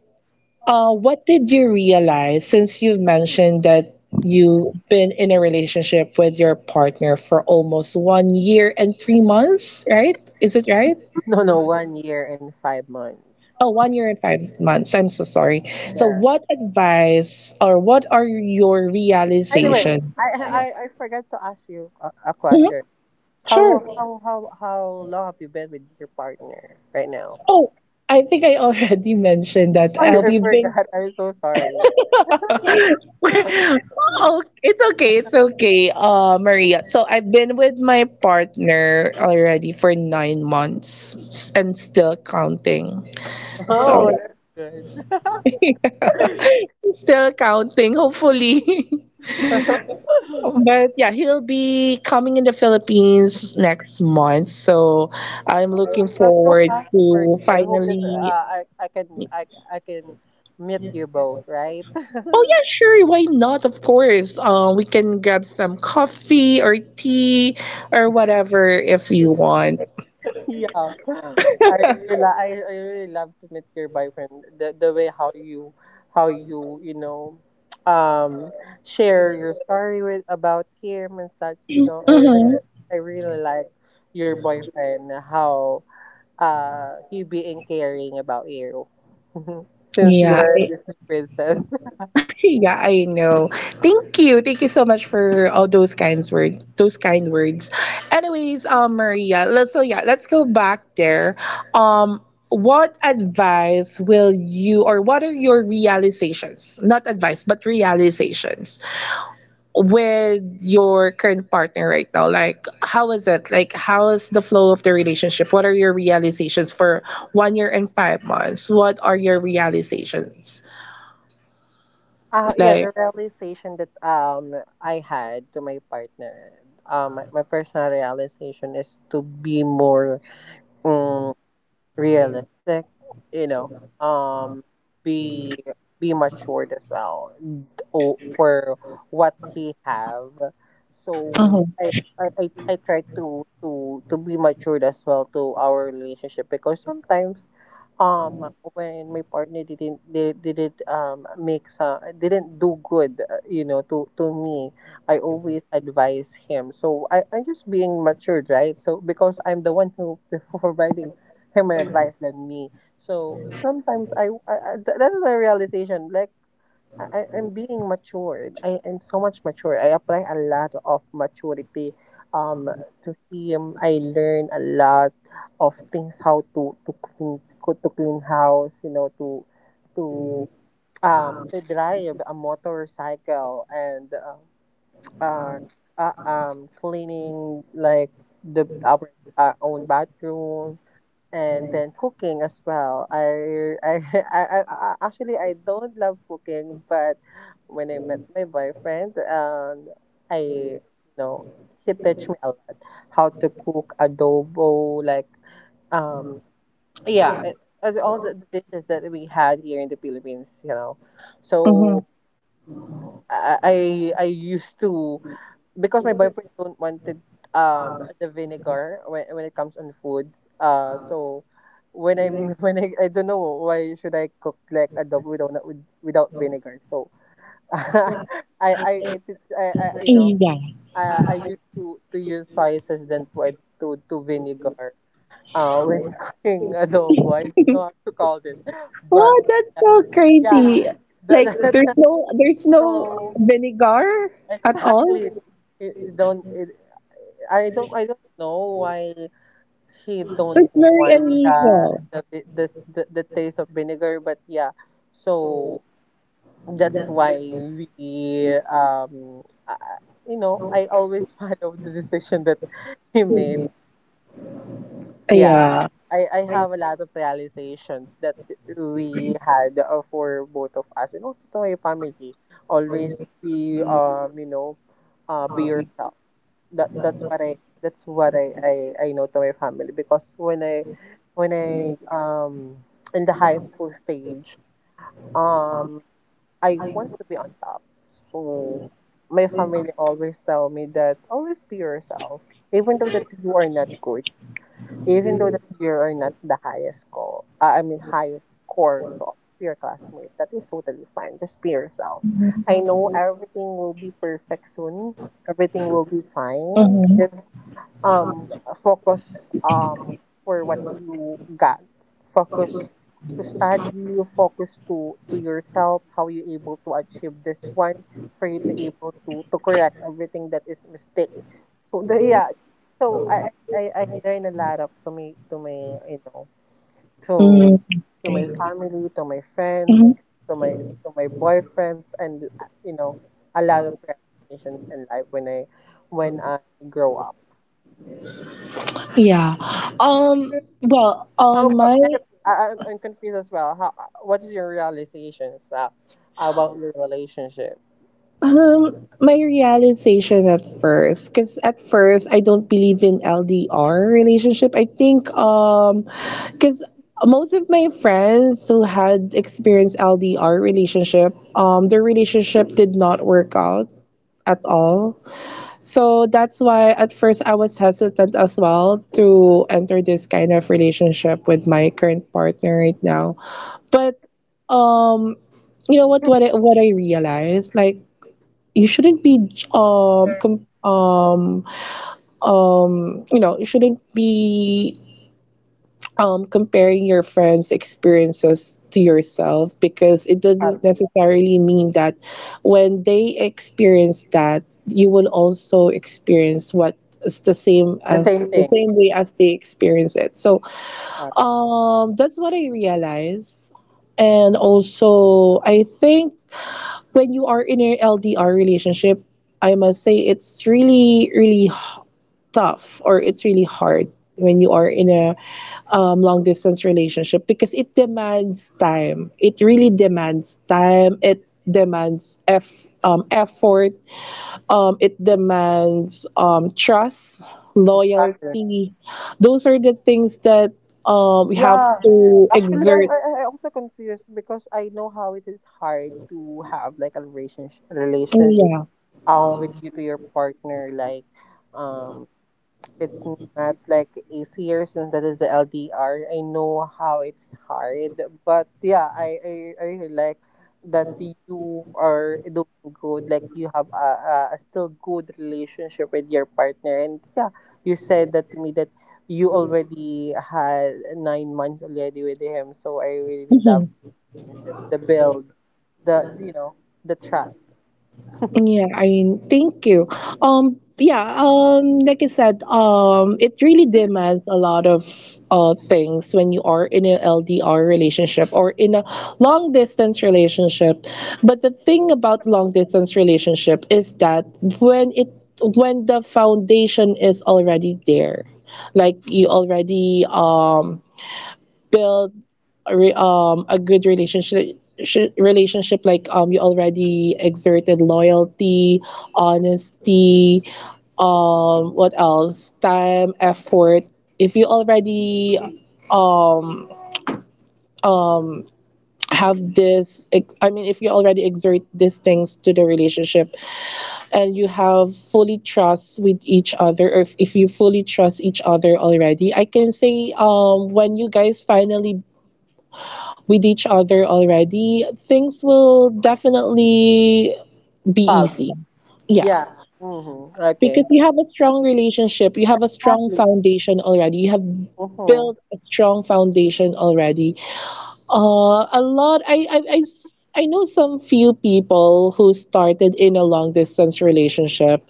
A: uh what did you realize since you've mentioned that you've been in a relationship with your partner for almost one year and three months, right? Is it right?
B: No, no, one year and five months.
A: Oh, one year and five months. I'm so sorry. So
B: Yeah.
A: what advice or what are your
B: Anyway,
A: realization?
B: I I, I forgot to ask you a, a
A: Mhm,
B: question. How
A: sure.
B: how how how long have you been with your partner right now?
A: Oh, I think I already mentioned that
B: I,
A: uh,
B: I
A: we've been
B: forgot. I'm so sorry.
A: oh, it's okay. It's okay, uh, Maria. So I've been with my partner already for nine months and still counting.
B: Oh,
A: So
B: that's good.
A: yeah, still counting, hopefully. But yeah, he'll be coming in the Philippines next month. So I'm
B: Oh,
A: looking
B: I'm so
A: forward
B: happy for you.
A: to
B: I hope that uh,
A: finally
B: I I can I I can meet you both, right?
A: Oh yeah, sure. Why not? Of course. Um, we can grab some coffee or tea or whatever if you want.
B: Yeah. I really, li- I, I really love to meet your boyfriend. The the way how you how you, you know, um share your story with about him and such. You know, I I,
A: Mm-hmm.
B: I really like your boyfriend, how uh he being caring about you. Since you
A: Yeah.
B: are a
A: I,
B: Disney princess.
A: yeah, I know. Thank you. Thank you so much for all those kinds words. Those kind words. Anyways, um, Maria. Let's, so yeah, let's go back there. Um, what advice will you, or what are your realizations? Not advice, but realizations with your current partner right now, like how is it, like how is the flow of the relationship, what are your realizations for one year and five months, what are your realizations
B: Uh, yeah,
A: like
B: the realization that um I had to my partner, um, my, my personal realization is to be more realistic, you know, um, be be matured as well o- for what he have.
A: Mm-hmm.
B: So I I, I I try to to to be matured as well to our relationship because sometimes um when my partner didn't did, not they did not um make some didn't do good, uh, you know, to to me, I always advise him, so i i'm just being matured, right? So because I'm the one who providing him an advice than me. So sometimes I, I, I th- that is my realization. Like I, I- I'm being matured. I am so much mature. I apply a lot of maturity um to him. I learn a lot of things how to to clean co- to clean house. You know, to to um to drive a motorcycle, and um uh, uh um cleaning like the our, our own bathroom, and then cooking as well. I, I, I, I, I actually, I don't love cooking, but when I met my boyfriend, um, I, you know, he teach me a lot how to cook adobo, like, um, yeah, it- as all the the dishes that we had here in the Philippines, you know. So
A: Mm-hmm.
B: I I, I used to, because my boyfriend don't wanted um the vinegar when, when it comes on food, uh so when I, when I I don't know why should I cook like adobo without with- without vinegar, so I I I, think- I, I, you know,
A: Yeah.
B: I, I used to to use spices than to ad- to to vinegar uh when cooking adobo. I don't know how to call it, but
A: What, that's
B: yeah.
A: so
B: Yeah,
A: crazy, like
B: that,
A: there's
B: that's
A: no, there's no
B: so
A: vinegar at
B: exactly.
A: all.
B: it, it don't it, I don't I don't know why he don't
A: That's very
B: want the
A: unusual.
B: the vi- this the, the taste of vinegar, but yeah. So that's why we um uh, you know, I always follow the decision that he made. Yeah.
A: Yeah.
B: I, I have a lot of realizations that we had uh, for both of us, and also to my family. Always be um you know, uh be yourself. That that's what I, that's what I, I I know to my family, because when I, when I um in the high school stage, um I want to be on top. So my family always tell me that, always be yourself, even though that you are not good, even though that you are not the highest score, I mean, highest score to all of your classmates. That is totally fine, just be yourself.
A: Mm-hmm.
B: I know everything will be perfect soon. Everything will be fine. Just um focus um for what you got. Focus to study, focus to to yourself, how you able to achieve this one, for you to able to to correct everything that is mistake. So the, yeah, so I, I I learn a lot of, to me, to my, you know, to
A: Mm-hmm.
B: to my family, to my friends,
A: Mm,
B: to my, to my boyfriends, and, uh, you know, a lot of realizations in life when I, when I grow up.
A: yeah, um well
B: How
A: on my
B: I, I'm I'm confused as well. How, uh, what is your realization as well about your relationship?
A: Um, my realization at first, because at first I don't believe in L D R relationship. I think um, because most of my friends who had experienced L D R relationship, um, their relationship did not work out at all. So that's why at first I was hesitant as well to enter this kind of relationship with my current partner right now. But um, you know what? What I, what I realized, like you shouldn't be um com- um um you know you shouldn't be um comparing your friends experiences to yourself, because it
B: Uh,
A: doesn't necessarily mean that when they experience that, you will also experience what is the same
B: the
A: as
B: same
A: the
B: thing.
A: same way as they experience it. So
B: Uh,
A: um that's what I realized. And also I think when you are in a L D R relationship, I must say it's really, really tough, or it's really hard when you are in a um, long distance relationship, because it demands time. It really demands time. It demands eff- um, effort. Um, it demands um, trust,
B: exactly.
A: loyalty. Those are the things that um, we have
B: Yeah.
A: to
B: Actually, I,
A: exert.
B: I I also confused because I know how it is hard to have like a relationship, relationship,
A: Yeah.
B: um, with you to your partner. Like, um, it's not like easier since that is the L D R. I know how it's hard, but yeah, I I, I really like that you are doing good. Like you have a, a, a still good relationship with your partner, and yeah, you said that to me that you already had nine months already with him. So I really love
A: Mm-hmm.
B: relationship, the build, the, you know, the trust.
A: Yeah, I mean, thank you. Um, yeah, um, like I said, um, it really demands a lot of uh things when you are in an L D R relationship or in a long distance relationship. But the thing about long distance relationship is that when it when the foundation is already there, like you already um build a re- um a good relationship sh- relationship, like um you already exerted loyalty, honesty, um, what else, time, effort. If you already um um have this ex- I mean if you already exert these things to the relationship, and you have fully trust with each other, or if, if you fully trust each other already, I can say um, when you guys finally with each other already, things will definitely be
B: Follow.
A: easy. Yeah.
B: Yeah. Mm-hmm.
A: Because
B: Okay.
A: you have a strong relationship, you have a strong
B: Exactly.
A: foundation already. You have built
B: Mm-hmm.
A: a strong foundation already. Uh, a lot, I, I, I s- I know some few people who started in a long distance relationship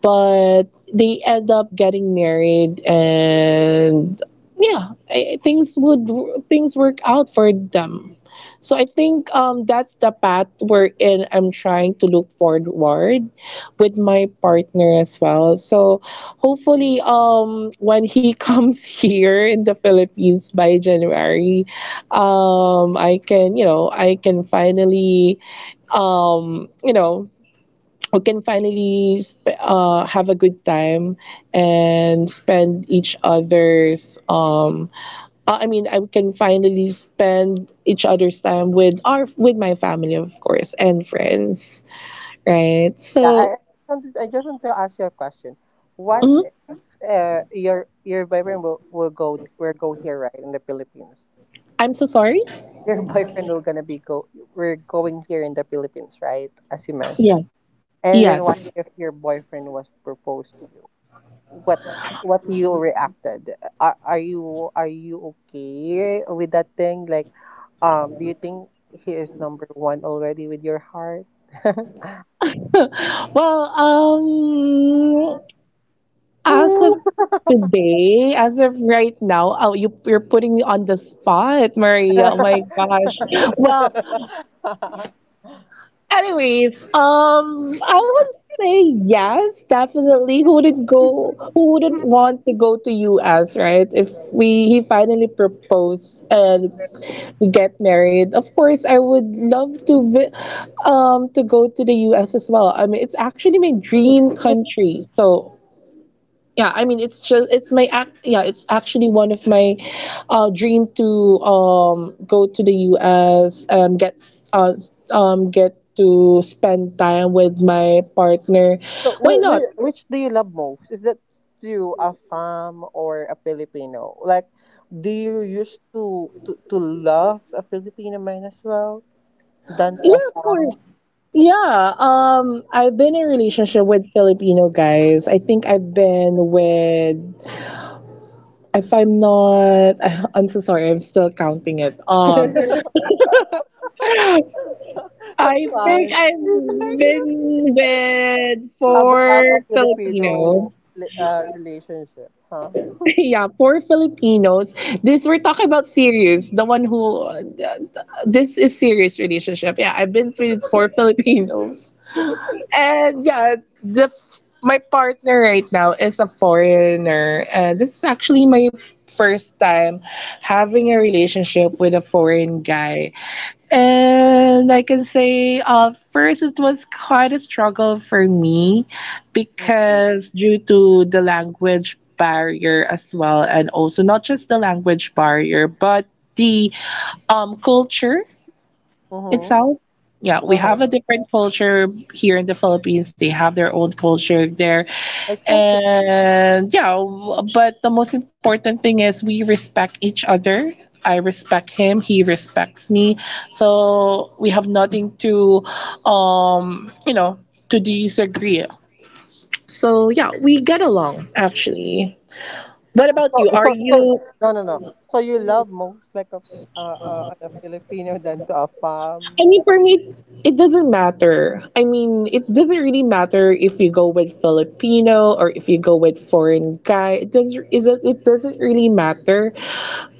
A: but they end up getting married and yeah I, things would things work out for them, so I think um that's the path we're in. I'm trying to look forward with my partner as well, so hopefully um when he comes here in the Philippines by January. um I can, you know I can finally, um you know we can finally sp- uh, have a good time and spend each other's um uh, I mean I can finally spend each other's time with our with my family, of course, and friends, right?
B: Yeah,
A: So
B: I I just want to I just want to ask you a question. What
A: mhm.
B: if uh, your your boyfriend will, will go, will go here right in the Philippines?
A: I'm so sorry.
B: Your boyfriend will gonna be go, we're going here in the Philippines, right? As you mentioned.
A: Yeah.
B: And then
A: Yes.
B: what if your boyfriend was proposed to you? What what you reacted? Are are you are you okay with that thing? Like, um, do you think he is number one already with your heart?
A: Well um as of today, as of right now, oh, you, you're putting me on the spot, Maria. Oh my gosh. Well, anyways, um, I would say yes, definitely. Who wouldn't go? Who wouldn't want to go to U S, right? If we he finally proposed and we get married, of course, I would love to vi- um to go to the U S as well. I mean, it's actually my dream country. so yeah, I mean, it's just it's my act yeah, it's actually one of my uh dream to um go to the U S, um get s- uh s- um get to spend time with my partner.
B: So,
A: Why
B: whi-
A: not?
B: whi- which do you love most? Is that to a fam or a Filipino? Like, do you used to to, to love a Filipino man as well than to a
A: Yeah, of
B: fam?
A: course. Yeah, um I've been in a relationship with Filipino guys. I think I've been with, if I'm not I'm so sorry, I'm still counting it. Um I
B: That's
A: think
B: fine.
A: I've been with
B: How about
A: four
B: that of
A: Filipino.
B: Filipino li- uh, relationship, huh?
A: Yeah, four Filipinos. This we're talking about serious. The one who uh, This is serious relationship. Yeah, I've been with four Filipinos. And yeah, the f- my partner right now is a foreigner. And this is actually my first time having a relationship with a foreign guy. And I can say, uh, first, it was quite a struggle for me
B: Mm-hmm.
A: because due to the language barrier as well, and also not just the language barrier, but the um, culture. it
B: Mm-hmm.
A: sounds, yeah, we have a
B: Uh-huh.
A: different culture here in the Philippines. They have their own culture there.
B: That's okay.
A: And yeah, w- but the most important thing is we respect each other. I respect him, he respects me. So we have nothing to, um, you know, to disagree. So yeah, we get along actually. What about
B: So,
A: you? Are
B: so, so,
A: you
B: no, no, no. So you love most like a uh, uh, a Filipino than to a farm.
A: I mean, for me, it doesn't matter. I mean, it doesn't really matter if you go with Filipino or if you go with foreign guy. It doesn't is it, it doesn't really matter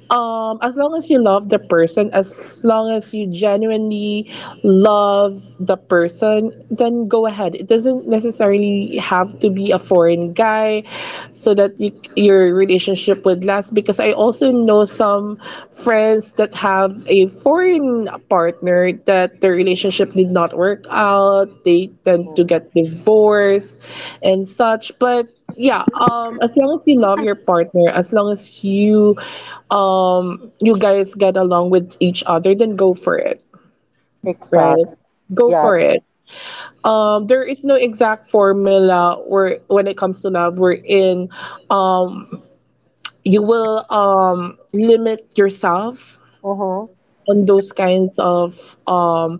A: um as long as you love the person, as long as you genuinely love the person, then go ahead. It doesn't necessarily have to be a foreign guy so that you, your relationship would last, because I also know some friends that have a foreign partner that their relationship did not work out. They tend
B: Mm.
A: to get divorced and such. But yeah, um as long as you love your partner, as long as you um you guys get along with each other, then go for it, right?
B: Exactly.
A: Go
B: Yeah.
A: for it. Um there is no exact formula where when it comes to love, wherein um you will um limit yourself
B: Mm-hmm.
A: on those kinds of um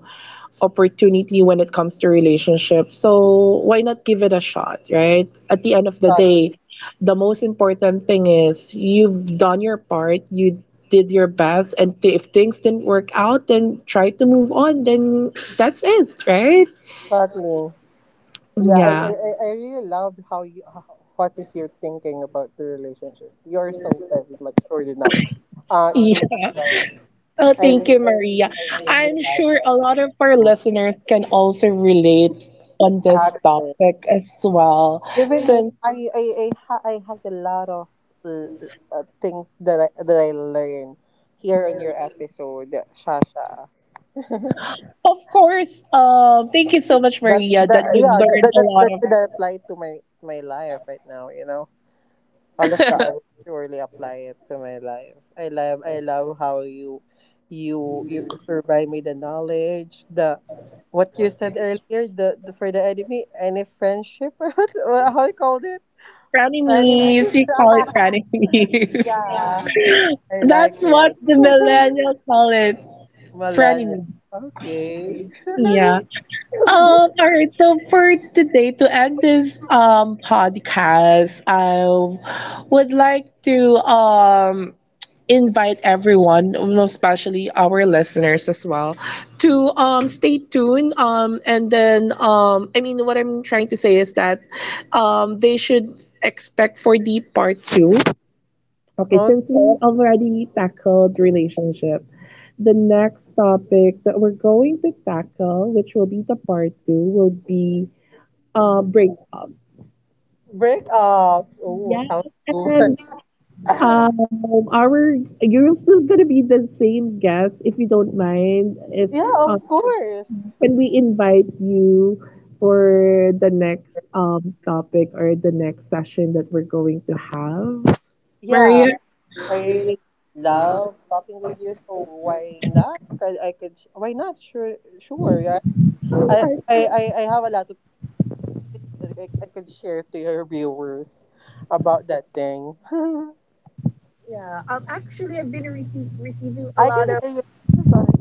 A: opportunity when it comes to relationships. So why not give it a shot, right? At the end of the
B: Exactly.
A: day, the most important thing is you've done your part, you did your best, and th- if things didn't work out, then try to move on, then that's it, right?
B: Exactly. Yeah. I,
A: Yeah.
B: I, I I really love how you how, what is your thinking about the relationship. You're so very matured enough. Uh, to
A: Yeah.
B: handle.
A: Oh,
B: I
A: thank you,
B: I
A: Maria.
B: I, I
A: I'm
B: really like
A: sure
B: that.
A: a lot of our
B: Mm.
A: listeners can also relate on this
B: Exactly.
A: topic as well,
B: Even me,
A: since.
B: I I I, ha- I had a lot of uh, uh, things that I that I learned here on your episode, Shasha.
A: Of course. Um, thank you so much,
B: That
A: Maria,
B: that
A: that you've
B: yeah, that
A: learned
B: that
A: a
B: that,
A: lot
B: that
A: of
B: could apply to my, my life right now. You know, all of that, I surely apply it to my life. I love, I love how you you you provide me the knowledge the. What you said earlier, the, the for the enemy, any friendship, what how you called it, enemies.
A: frenemies. You call it frenemies.
B: Yeah, I like
A: That's what
B: it.
A: the millennials call it,
B: Millennial.
A: frenemies.
B: Okay.
A: Yeah. Um, all right, so for today, to end this um podcast, I would like to um invite everyone, especially our listeners as well, to um stay tuned. Um and then um I mean, what I'm trying to say is that um they should expect for the part two. Okay, since we already tackled relationship, the next topic that we're going to tackle, which will be the part two, will be uh,
B: Okay.
A: breakups.
B: Breakups. Oh,
A: Yes,
B: sounds good.
A: and um, our you're still gonna be the same guest if you don't mind. If
B: Yeah, of
A: um,
B: course.
A: can we invite you for the next um topic or the next session that we're going to have,
B: Yeah,
A: Maria?
B: I really love talking with you. So why not? Cause I could. Why not? Sure, sure. Yeah. I, I, I, I have a lot of things that I, I could share to your viewers about that thing. I can hear you. Sorry.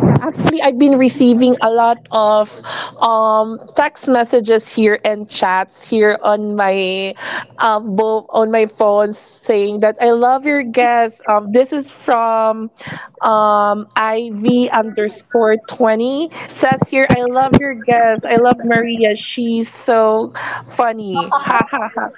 A: Actually, I've been receiving a lot of um, text messages here and chats here on my uh, bo- on my phone saying that I love your guest. Um, this is from um, I V underscore twenty. Says here, I love your guest. I love Maria. She's so funny. Ha ha ha.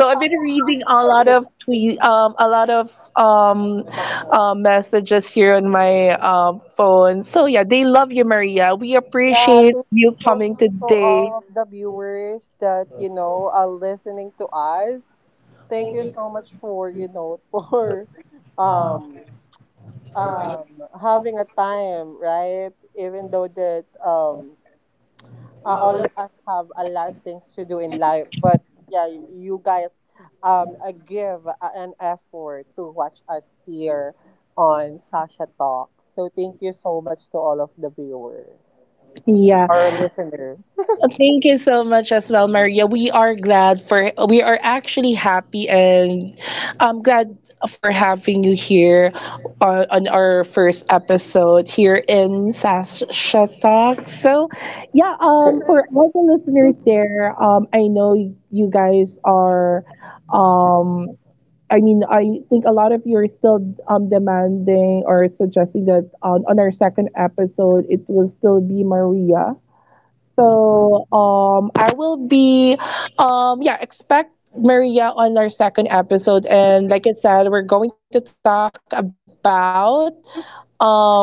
A: So I've been reading a lot of tweet, um, a lot of um, uh, messages here on my uh, phone. So yeah, they love you, Maria. We
B: Yeah, thank
A: appreciate
B: you
A: you
B: so much
A: coming
B: to
A: today.
B: all of the viewers that, you know, are listening to us. Thank you so much for, you know, for um um having a time, right? Even though that um uh, all of us have a lot of things to do in life, but yeah, y- you guys um uh, give a- an effort to watch us here on Sasha Talk. So thank you so much to all of the viewers,
A: Yeah,
B: our listeners.
A: thank you so much as well, Maria. We are glad for we are actually happy, and I'm glad for having you here on, on our first episode here in Sasha Talk. So yeah, um, for all the listeners there, um, I know you guys are um I mean, I think a lot of you are still um, demanding or suggesting that on, on our second episode, it will still be Maria. So um, I will be, um, yeah, expect Maria on our second episode. And like I said, we're going to talk about, um,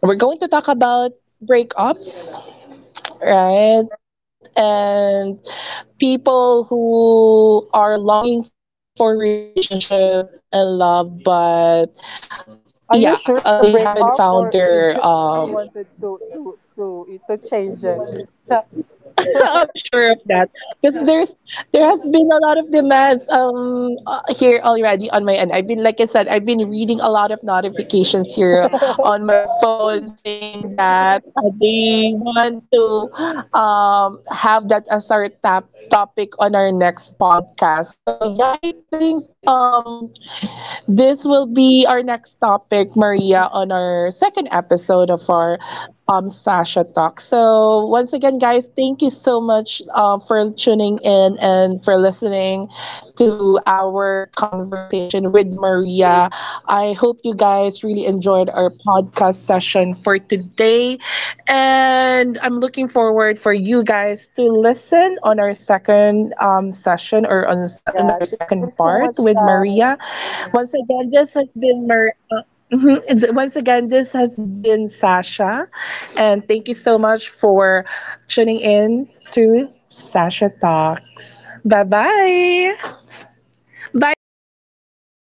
A: we're going to talk about breakups, right? And people who are longing for relationship and love, but yeah
B: Are you
A: uh,
B: sure
A: they
B: to
A: haven't
B: break up
A: found
B: or
A: their
B: you just
A: um
B: wanted to to to to change it? Yeah,
A: I'm sure of that, because there's there has been a lot of demands um uh, here already on my end. I've been Like I said, I've been reading a lot of notifications here on my phone saying that uh, they want to um have that as our tap topic on our next podcast. So yeah, I think um this will be our next topic, Maria, on our second episode of our um, Sasha Talk. So, once again, guys, thank you so much uh, for tuning in and for listening to our conversation with Maria. I hope you guys really enjoyed our podcast session for today. And I'm looking forward for you guys to listen on our second um, session, or on, se- on our
B: thank
A: second
B: you
A: part
B: so much,
A: with Maria.
B: guys.
A: Once again, this has been Mar- uh, mhm. Th- once again, this has been Sasha, and thank you so much for tuning in to Sasha Talks. Bye bye. Bye, Maria.